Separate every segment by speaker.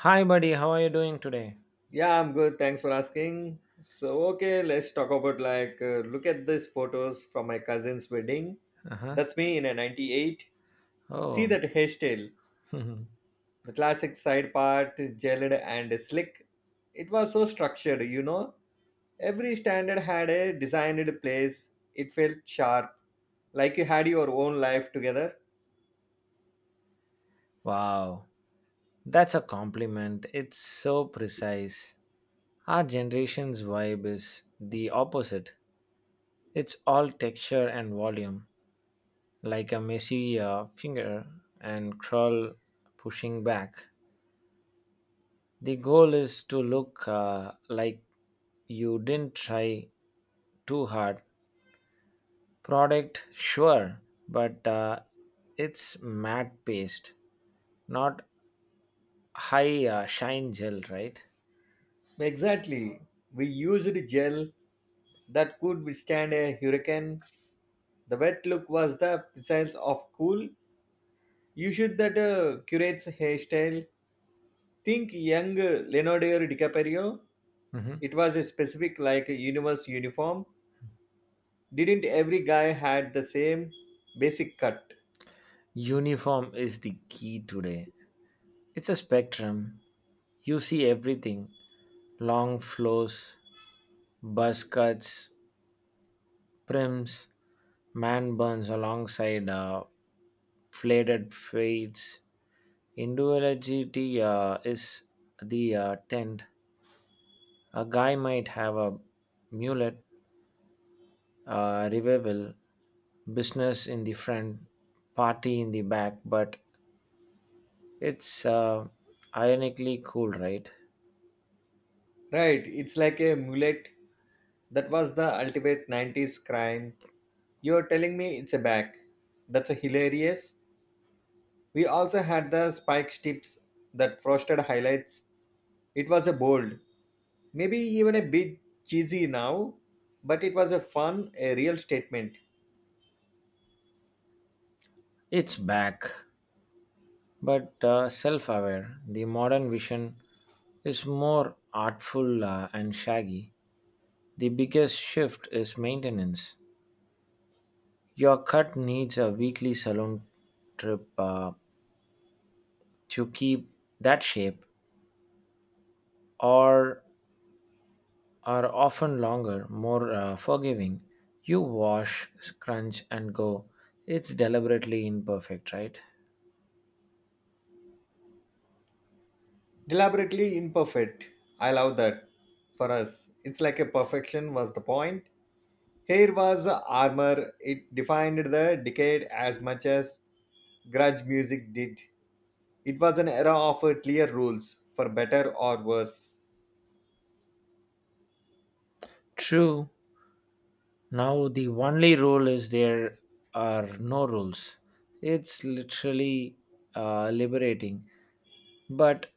Speaker 1: Hi, buddy. How are you doing today?
Speaker 2: Yeah, I'm good. Thanks for asking. So, okay, let's talk about like, look at these photos from my cousin's wedding.
Speaker 1: Uh huh.
Speaker 2: That's me in a 98. See
Speaker 1: Oh,
Speaker 2: that hairstyle, the classic side part, gelled and slick. It was so structured. Every standard had a designed place. It felt sharp, like you had your own life together.
Speaker 1: wow. That's a compliment. It's so precise. Our generation's vibe is the opposite. It's all texture and volume, like a messy finger and crawl pushing back. The goal is to look like you didn't try too hard. Product, sure, but it's matte paste, not high shine gel, right?
Speaker 2: Exactly. We used gel that could withstand a hurricane. The wet look was the essence of cool. You should that curates hairstyle. Think young Leonardo DiCaprio.
Speaker 1: Mhm.
Speaker 2: It was a specific like a universe uniform. Didn't every guy had the same basic cut?
Speaker 1: Uniform is the key today. It's a spectrum. You see everything: long flows, buzz cuts, prims, man burns alongside fladed fades. Individuality is the tent. A guy might have a mullet, revival, business in the front, party in the back, but it's ironically cool, right?
Speaker 2: Right, it's like a mullet. That was the ultimate 90s crime. You're telling me it's a back. That's a hilarious. We also had the spike tips that frosted highlights. It was a bold, maybe even a bit cheesy now, but it was a fun, a real statement.
Speaker 1: It's back, but self aware. The modern vision is more artful and shaggy. The biggest shift is maintenance. Your cut needs a weekly salon trip to keep that shape, or are often longer, more forgiving. You wash, scrunch, and go. It's deliberately imperfect, right?
Speaker 2: Deliberately imperfect. I love that. For us, it's like a perfection was the point. Here was armor, it defined the decade as much as grudge music did. It was an era of clear rules, for better or worse.
Speaker 1: True. Now the only rule is there are no rules. It's literally liberating, but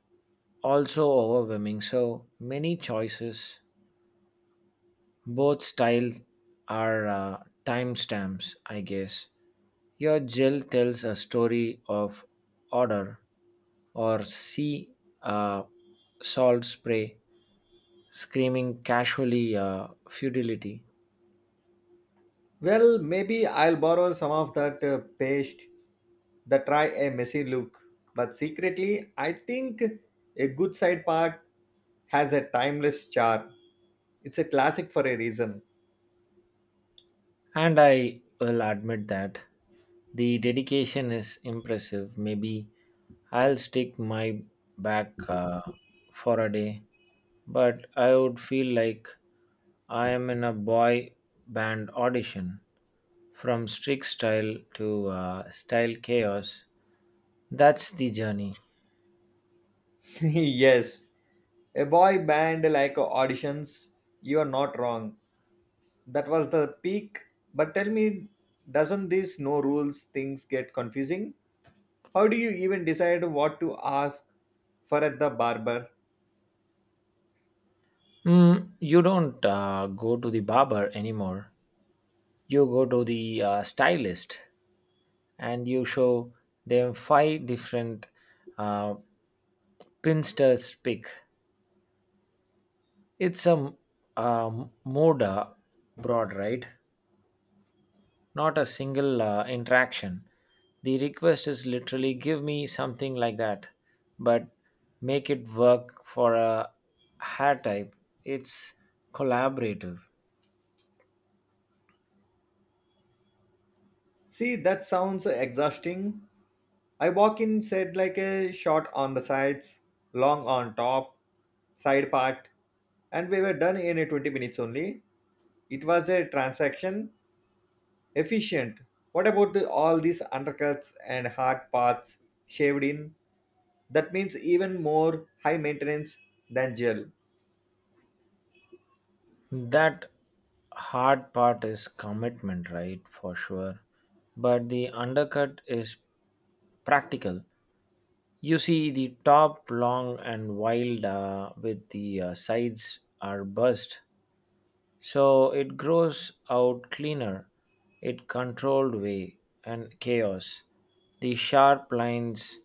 Speaker 1: also overwhelming. So many choices, both styles are timestamps, I guess. Your Jill tells a story of order or sea, uh, salt spray screaming casually futility.
Speaker 2: Well, maybe I'll borrow some of that paste that try a messy look. But secretly, I think a good side part has a timeless charm. It's a classic for a reason.
Speaker 1: And I will admit that the dedication is impressive. Maybe I'll stick my back for a day, but I would feel like I am in a boy band audition. From strict style to style chaos. That's the journey.
Speaker 2: Yes, a boy band like auditions, you are not wrong. That was the peak. But tell me, doesn't this no rules things get confusing? How do you even decide what to ask for at the barber?
Speaker 1: You don't go to the barber anymore, you go to the stylist, and you show them five different uh, pinsters pick. It's a moda broad, right? Not a single interaction. The request is literally, give me something like that, but make it work for a hair type. It's collaborative.
Speaker 2: See, that sounds exhausting. I walk in said like a short on the sides, long on top, side part, and we were done in a 20 minutes only. It was a transaction, efficient. What about all these undercuts and hard parts shaved in? That means even more high maintenance than gel.
Speaker 1: That hard part is commitment, right? For sure. But the undercut is practical. You see the top long and wild with the sides are burst. So it grows out cleaner, it controlled way and chaos. The sharp lines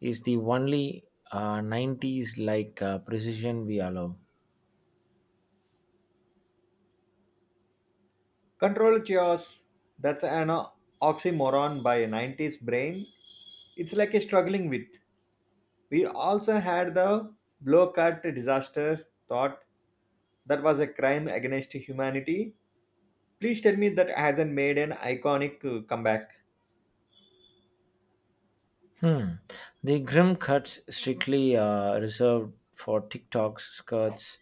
Speaker 1: is the only 90s like precision we allow.
Speaker 2: Control chaos, that's an oxymoron by a 90s brain. It's like a struggling with. We also had the Blowcut disaster thought that was a crime against humanity. Please tell me that hasn't made an iconic comeback.
Speaker 1: Hmm. The grim cuts strictly reserved for TikToks, skirts,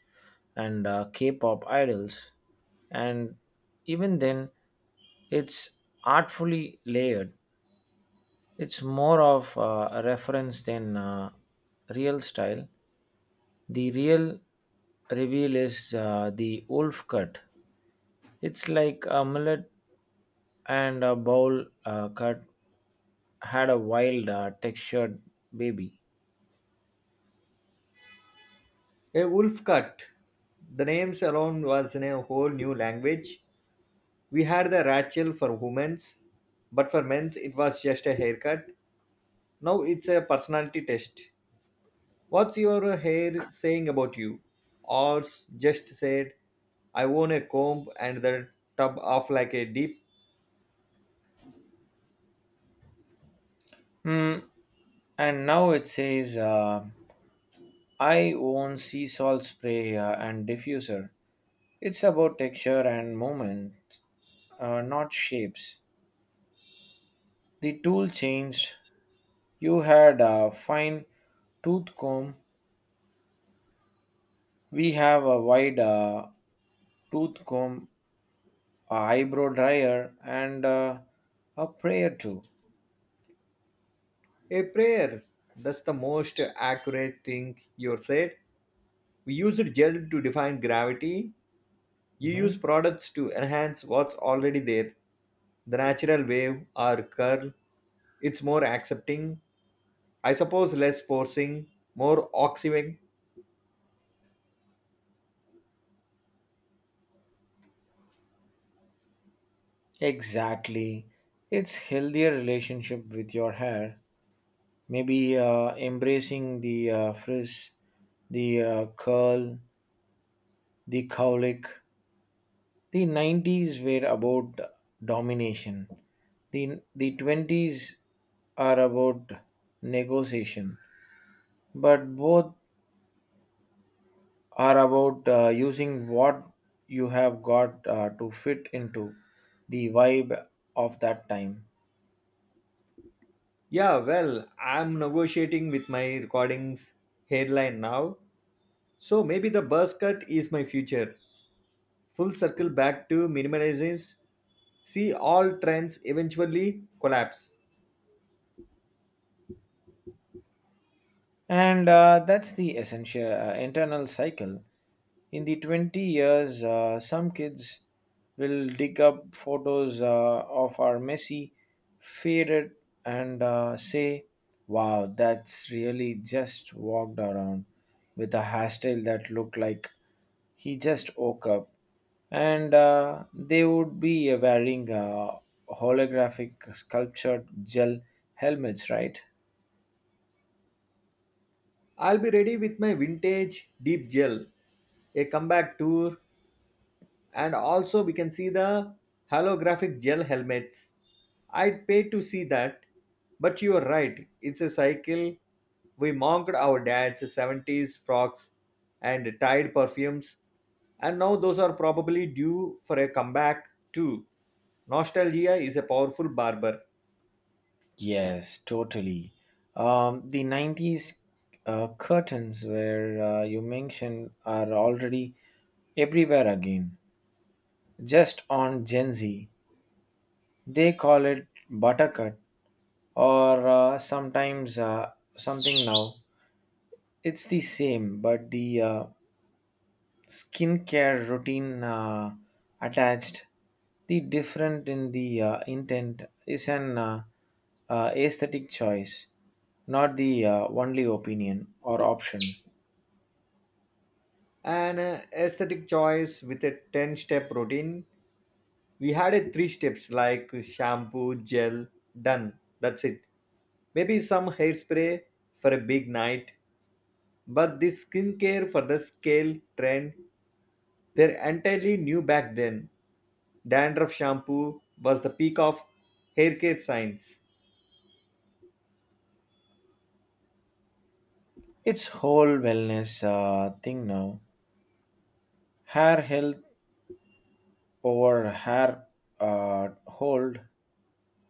Speaker 1: and K-pop idols, and even then, it's artfully layered. It's more of a reference than real style. The real reveal is the wolf cut. It's like a mullet and a bowl cut had a wild, textured baby.
Speaker 2: A wolf cut. The names alone was in a whole new language. We had the Rachel for women's, but for men's it was just a haircut. Now it's a personality test. What's your hair saying about you? Ours just said, I own a comb and the tub off like a deep.
Speaker 1: Hmm. And now it says, I own sea salt spray and diffuser. It's about texture and movement, not shapes. The tool changed. You had a fine tooth comb. We have a wide tooth comb, a eyebrow dryer, and a prayer too.
Speaker 2: A prayer. That's the most accurate thing you said. We used gel to define gravity. You use
Speaker 1: Mhm.
Speaker 2: products to enhance what's already there. The natural wave or curl. It's more accepting. I suppose less forcing, more oxygen.
Speaker 1: Exactly. It's healthier relationship with your hair, maybe embracing the frizz, the curl, the cowlick. The 90s were about domination. The 20s are about negotiation. But both are about using what you have got to fit into the vibe of that time.
Speaker 2: Yeah, well, I'm negotiating with my recordings headline now. So maybe the buzz cut is my future. Full circle back to minimalizes. See all trends eventually collapse.
Speaker 1: And that's the essential internal cycle. In the 20 years, some kids will dig up photos of our messy, faded, and say, wow, that's really just walked around with a hairstyle that looked like he just woke up. And they would be wearing holographic sculptured gel helmets, right?
Speaker 2: I'll be ready with my vintage deep gel, a comeback tour. And also we can see the holographic gel helmets. I'd pay to see that, but you are right, it's a cycle. We mocked our dad's 70s frocks and tied perfumes, and now those are probably due for a comeback too. Nostalgia is a powerful barber.
Speaker 1: Yes, totally. The 90s curtains, where you mentioned, are already everywhere again. Just on Gen Z, they call it buttercut or sometimes something now. It's the same, but the skincare routine attached, the different in the intent is an aesthetic choice, not the only opinion or option.
Speaker 2: An aesthetic choice with a 10 step routine. We had a three steps like shampoo, gel, done. That's it. Maybe some hairspray for a big night, but this skincare for the scale trend, they're entirely new back then. Dandruff shampoo was the peak of hair care science.
Speaker 1: It's whole wellness thing now. Hair health over hair hold.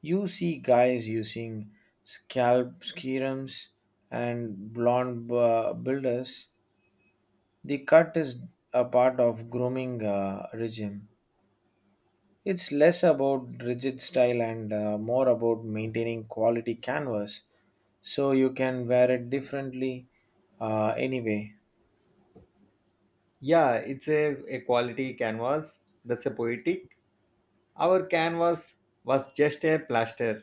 Speaker 1: You see guys using scalp serums and blonde builders. The cut is a part of grooming regime. It's less about rigid style and more about maintaining quality canvas so you can wear it differently anyway.
Speaker 2: Yeah, it's a quality canvas. That's a poetic. Our canvas was just a plaster.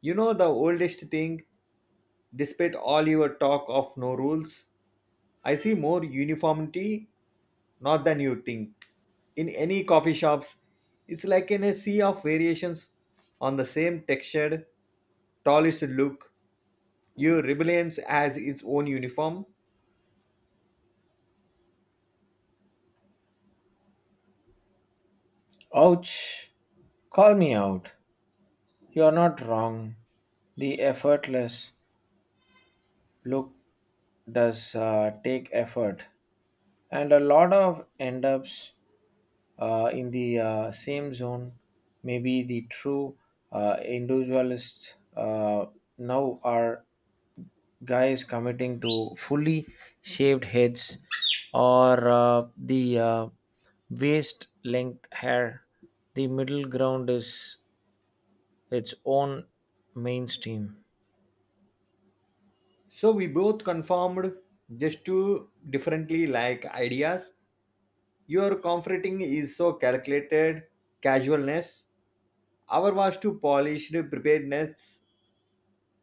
Speaker 2: You know the oldest thing. Despite all your talk of no rules, I see more uniformity not than you think. In any coffee shops, it's like in a sea of variations on the same textured, polished look. Your rebellions has its own uniform.
Speaker 1: Ouch! Call me out. You're not wrong. The effortless look does take effort, and a lot of end ups in the same zone. Maybe the true individualists now are guys committing to fully shaved heads or the waist length hair. The middle ground is its own mainstream,
Speaker 2: So we both conformed just to differently like ideas. Your comforting is so calculated, casualness. Our was to polished preparedness.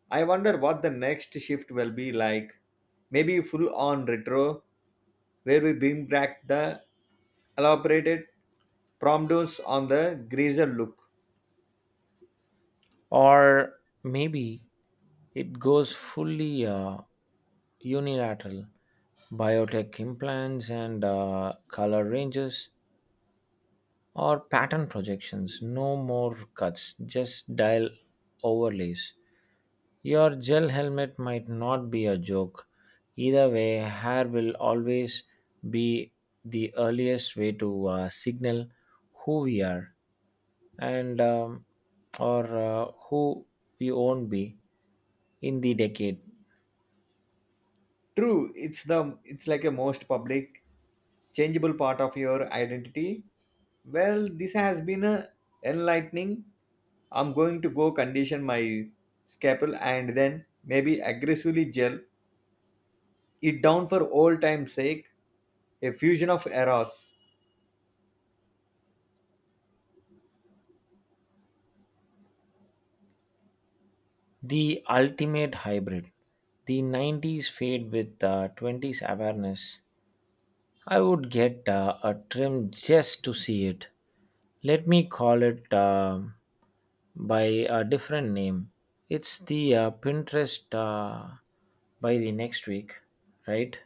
Speaker 2: I wonder what the next shift will be like. Maybe full on retro, where we bring back the elaborated promptos on the greaser look.
Speaker 1: or maybe it goes fully unilateral. Biotech implants and color ranges or pattern projections. No more cuts, just dial overlays. Your gel helmet might not be a joke. Either way, hair will always be the earliest way to signal who we are, and or who we won't be in the decade.
Speaker 2: True, it's the it's like a most public, changeable part of your identity. Well, this has been a enlightening. I'm going to go condition my scalpel and then maybe aggressively gel it down for old time's sake. A fusion of eras.
Speaker 1: The ultimate hybrid. The 90s fade with 20s awareness. I would get a trim just to see it. Let me call it by a different name. It's the Pinterest by the next week, right?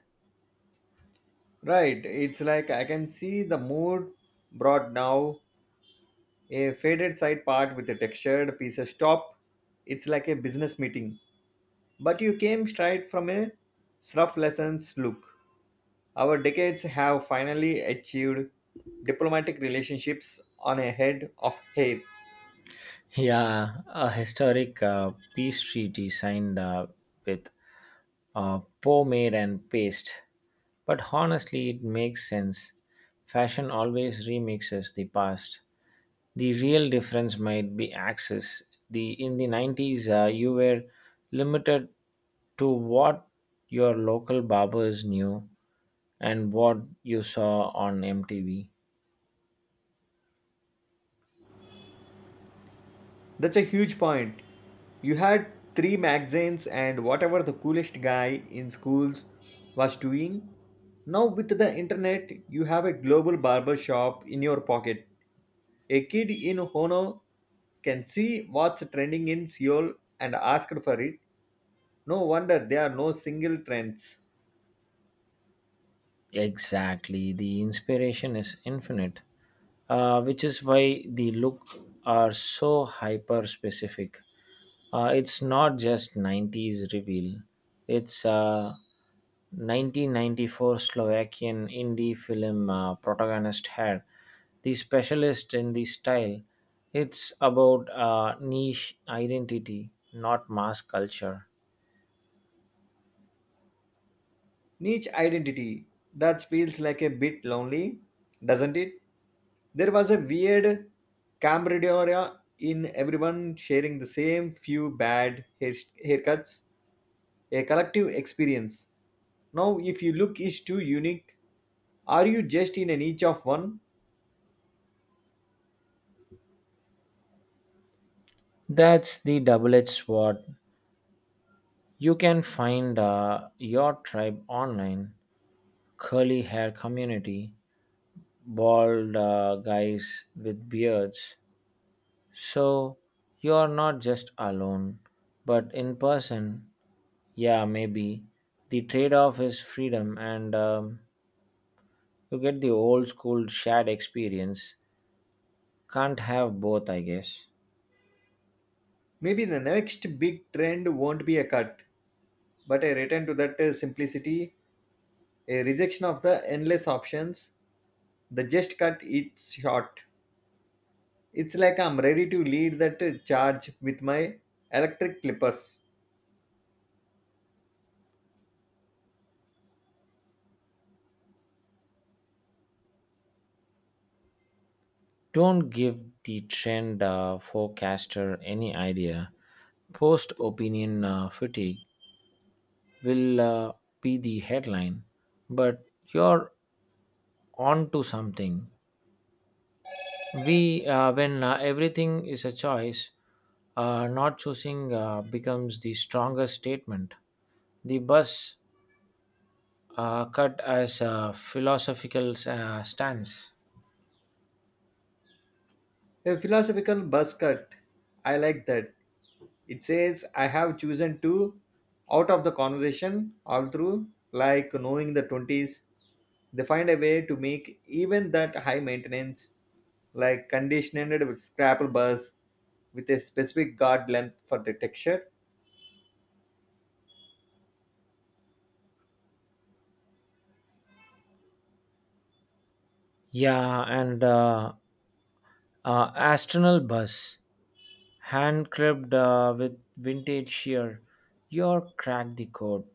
Speaker 2: Right, it's like I can see the mood brought now, a faded side part with a textured pieces top. It's like a business meeting. But you came straight from a rough lessons look. Our decades have finally achieved diplomatic relationships on a head of hair.
Speaker 1: Yeah, a historic pastry designed with pomade and paste. But honestly, it makes sense. Fashion always remixes the past. The real difference might be access. The in the 90s, you were limited to what your local barbers knew and what you saw on MTV.
Speaker 2: That's a huge point. You had three magazines and whatever the coolest guy in schools was doing. Now with the internet, you have a global barber shop in your pocket. A kid in Hono can see what's trending in Seoul and ask for it. No wonder there are no single trends.
Speaker 1: Exactly. The inspiration is infinite, which is why the look are so hyper specific. It's not just 90s reveal, it's a 1994 Slovakian indie film protagonist hair, the specialist in the style. It's about niche identity, not mass culture.
Speaker 2: Niche identity. That feels like a bit lonely, doesn't it? There was a weird camaraderie in everyone sharing the same few bad haircuts, a collective experience. Now, if you look is too unique, are you just in a niche of one?
Speaker 1: That's the double edged sword. You can find your tribe online, curly hair community, bald guys with beards. So you are not just alone, but in person, yeah, maybe. The trade off is freedom, and you get the old school shared experience. Can't have both, I guess.
Speaker 2: Maybe the next big trend won't be a cut, but a return to that simplicity, a rejection of the endless options. The just cut it's short. It's like I'm ready to lead that charge with my electric clippers.
Speaker 1: Don't give the trend forecaster any idea. Post opinion fatigue will be the headline, but you're on to something. When everything is a choice, not choosing becomes the strongest statement. The bus cut as a philosophical stance.
Speaker 2: A philosophical buzz cut. I like that. It says, I have chosen to out of the conversation all through, like knowing the 20s. They find a way to make even that high maintenance, like conditioned with scrapple buzz with a specific guard length for the texture.
Speaker 1: Yeah, and astronal bus, hand cribbed with vintage shear, your crack the code.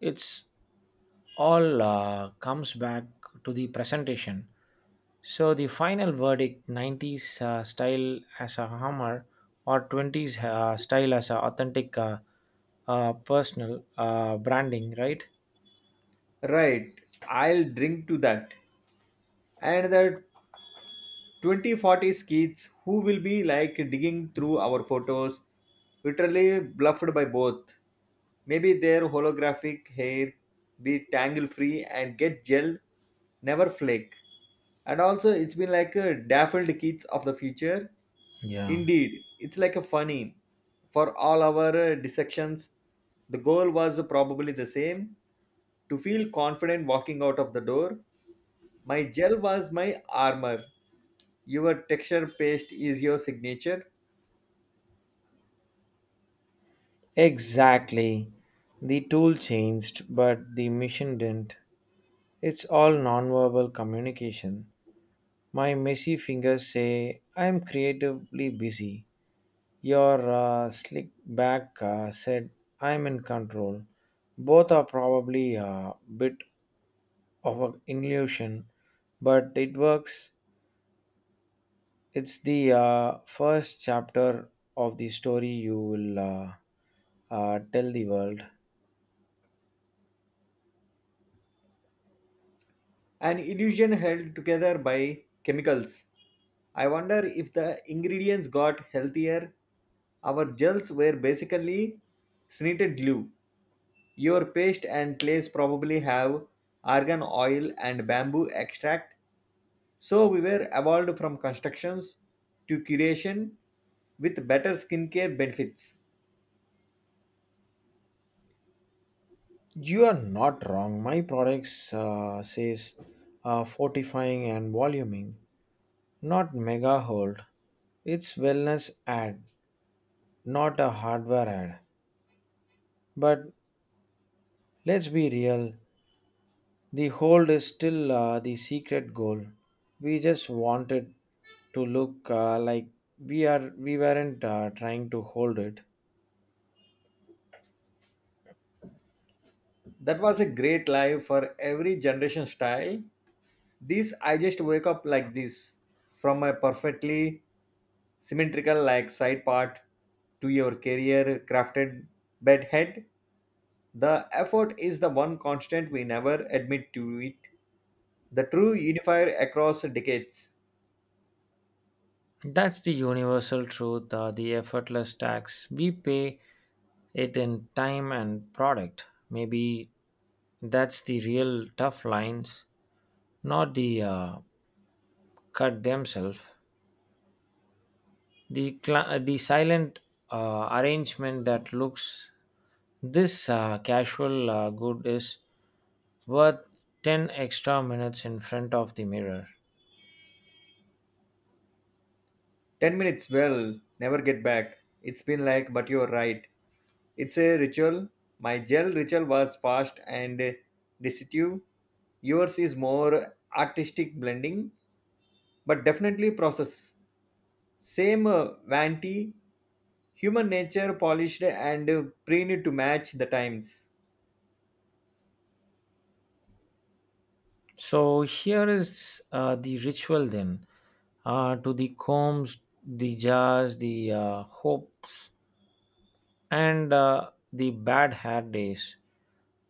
Speaker 1: It's all comes back to the presentation. So the final verdict: 90s style as a hammer or 20s style as a authentic personal branding, right?
Speaker 2: Right, I'll drink to that. And the 2040 kids who will be like digging through our photos, literally bluffed by both. Maybe their holographic hair be tangle free and get gel, never flake. And also, it's been like a daffodil kids of the future.
Speaker 1: Yeah.
Speaker 2: Indeed, it's like a funny. For all our dissections, the goal was probably the same to feel confident walking out of the door. My gel was my armor. Your texture paste is your signature,
Speaker 1: Exactly. The tool changed, but the mission didn't. It's all nonverbal communication. My messy fingers say, I'm creatively busy. Your slick back said, I'm in control. Both are probably a bit of an illusion, but it works. It's the first chapter of the story you will tell the world.
Speaker 2: an illusion held together by chemicals. I wonder if the ingredients got healthier. Our gels were basically snitted glue. Your paste and clays probably have argan oil and bamboo extract. So we were evolved from constructions to curation with better skincare benefits.
Speaker 1: You are not wrong. My products says fortifying and voluming, not mega hold. It's wellness ad, not a hardware ad. But let's be real. The hold is still the secret goal. We just wanted to look like we weren't trying to hold it.
Speaker 2: That was a great live for every generation style. This I just wake up like this from a perfectly symmetrical like side part to your career crafted bed head. The effort is the one constant we never admit to it. The true unifier across decades.
Speaker 1: That's the universal truth, the effortless tax. We pay it in time and product. Maybe that's the real tough lines, not the cut themselves, the silent arrangement that looks this casual good is worth 10 extra minutes in front of the mirror.
Speaker 2: 10 minutes well, never get back. It's been like, but you're right. It's a ritual. My gel ritual was fast and decisive. Yours is more artistic blending, but definitely process. Same vanity, human nature polished and preened to match the times.
Speaker 1: So here is the ritual then, to the combs, the jars, the hopes, and the bad hair days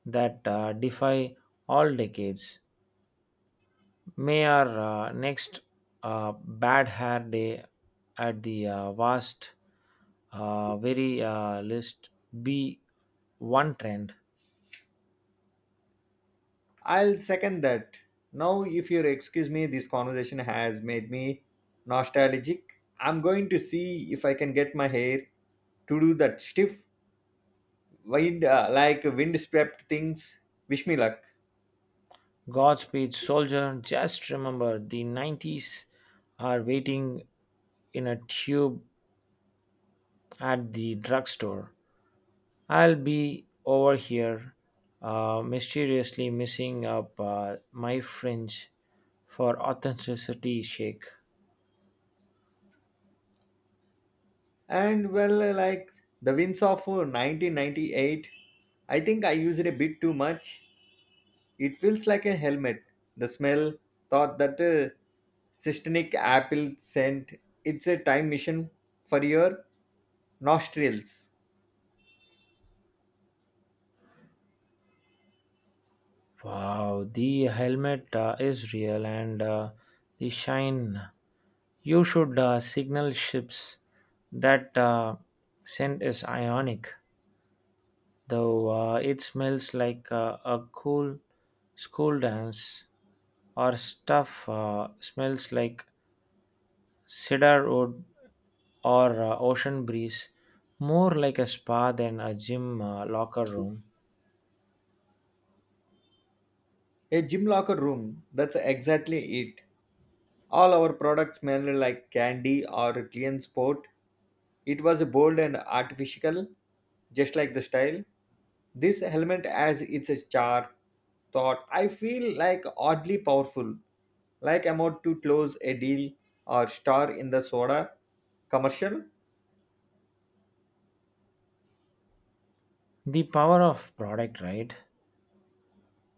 Speaker 1: that defy all decades. May our next bad hair day at the vast, very list be one trend.
Speaker 2: I'll second that. Now, if you'll excuse me, this conversation has made me nostalgic. I'm going to see if I can get my hair to do that stiff wind like wind swept things. Wish me luck.
Speaker 1: Godspeed, soldier. Just remember the 90s are waiting in a tube at the drugstore. I'll be over here, mysteriously missing up my fringe for authenticity shake.
Speaker 2: And well, like the wins of 1998, I think I used it a bit too much. It feels like a helmet. The smell, thought that cystinic apple scent, it's a time machine for your nostrils.
Speaker 1: Wow, the helmet is real, and the shine. You should signal ships. That scent is ionic, though it smells like a cool school dance. Or stuff smells like cedar wood or ocean breeze, more like a spa than a gym locker room.
Speaker 2: A gym locker room, that's exactly it. All our products smell like candy or clean sport. It was bold and artificial, just like the style. This helmet as its char thought. I feel like oddly powerful, like I'm about to close a deal or star in the soda commercial.
Speaker 1: The power of product, right?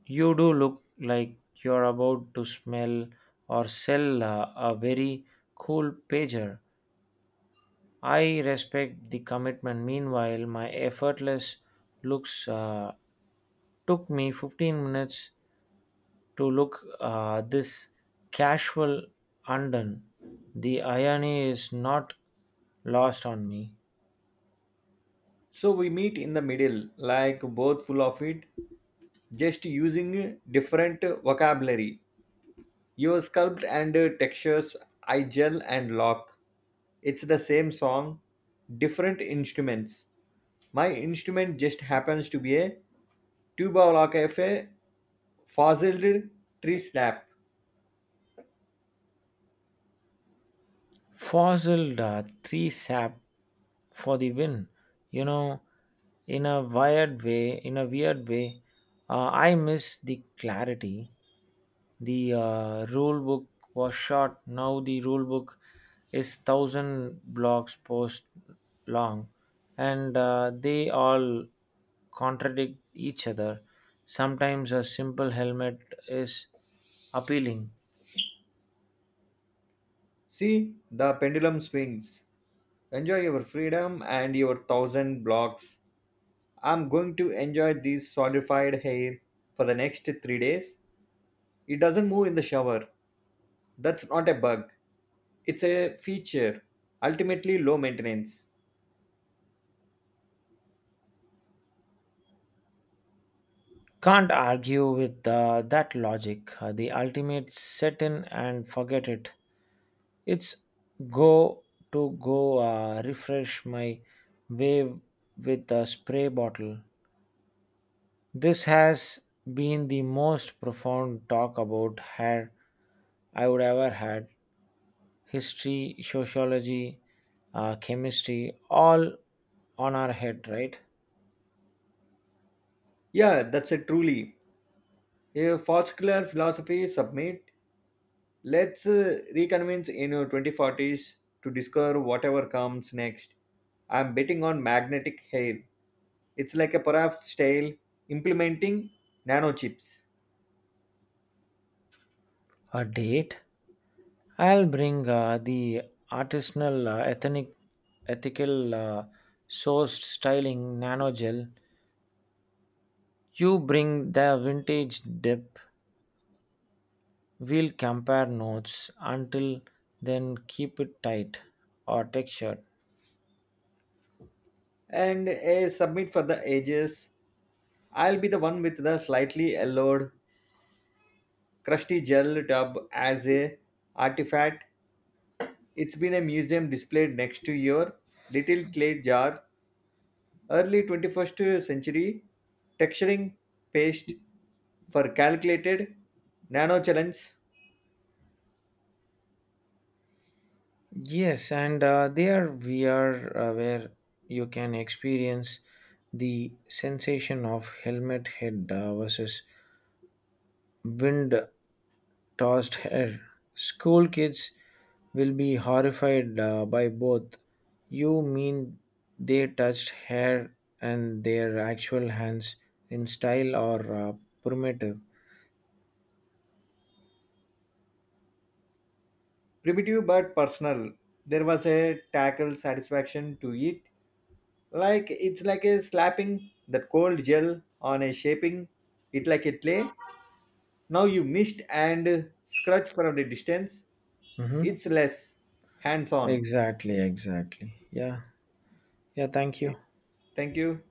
Speaker 1: You do look like you're about to smell or sell a very cool pager. I respect the commitment. Meanwhile, my effortless looks took me 15 minutes to look this casual undone. The irony is not lost on me.
Speaker 2: So we meet in the middle, like both full of it, just using different vocabulary. Your sculpt and textures, I gel and lock. It's the same song, different instruments. My instrument just happens to be a tuba la cafe, fossiled tree slap.
Speaker 1: Fossil three sap for the win. You know, in a weird way, I miss the clarity. The rule book was short. Now the rule book is thousand blocks post long, and they all contradict each other. Sometimes a simple helmet is appealing.
Speaker 2: See, the pendulum swings. Enjoy your freedom and your thousand blocks. I'm going to enjoy this solidified hair for the next 3 days. It doesn't move in the shower. That's not a bug, it's a feature, ultimately low maintenance.
Speaker 1: Can't argue with that logic. The ultimate set in and forget it. It's go to go refresh my wave with a spray bottle. This has been the most profound talk about hair I would ever had. History, sociology, chemistry, all on our head, right?
Speaker 2: Yeah, that's a truly a particular philosophy submit. Let's reconvince in your 2040s to discover whatever comes next. I'm betting on magnetic hair. It's like a perhaps tail implementing nanochips.
Speaker 1: A date? I'll bring the artisanal ethnic, ethical sourced styling nano gel. You bring the vintage dip. We'll compare notes. Until then, keep it tight or textured.
Speaker 2: And a submit for the ages. I'll be the one with the slightly yellowed, crusty gel tub as a artifact. It's been a museum displayed next to your little clay jar, early 21st century texturing paste for calculated nano challenge,
Speaker 1: Yes, and there we are where you can experience the sensation of helmet head versus wind tossed hair. School kids will be horrified by both. You mean they touched hair and their actual hands in style, or primitive?
Speaker 2: primitive but personal. There was a tackle satisfaction to it. Like it's like a slapping that cold gel on a shaping it like a clay. Now you mist and scratch from the distance.
Speaker 1: Mm-hmm.
Speaker 2: It's less hands on.
Speaker 1: Exactly. Yeah, yeah, thank you.
Speaker 2: Thank you.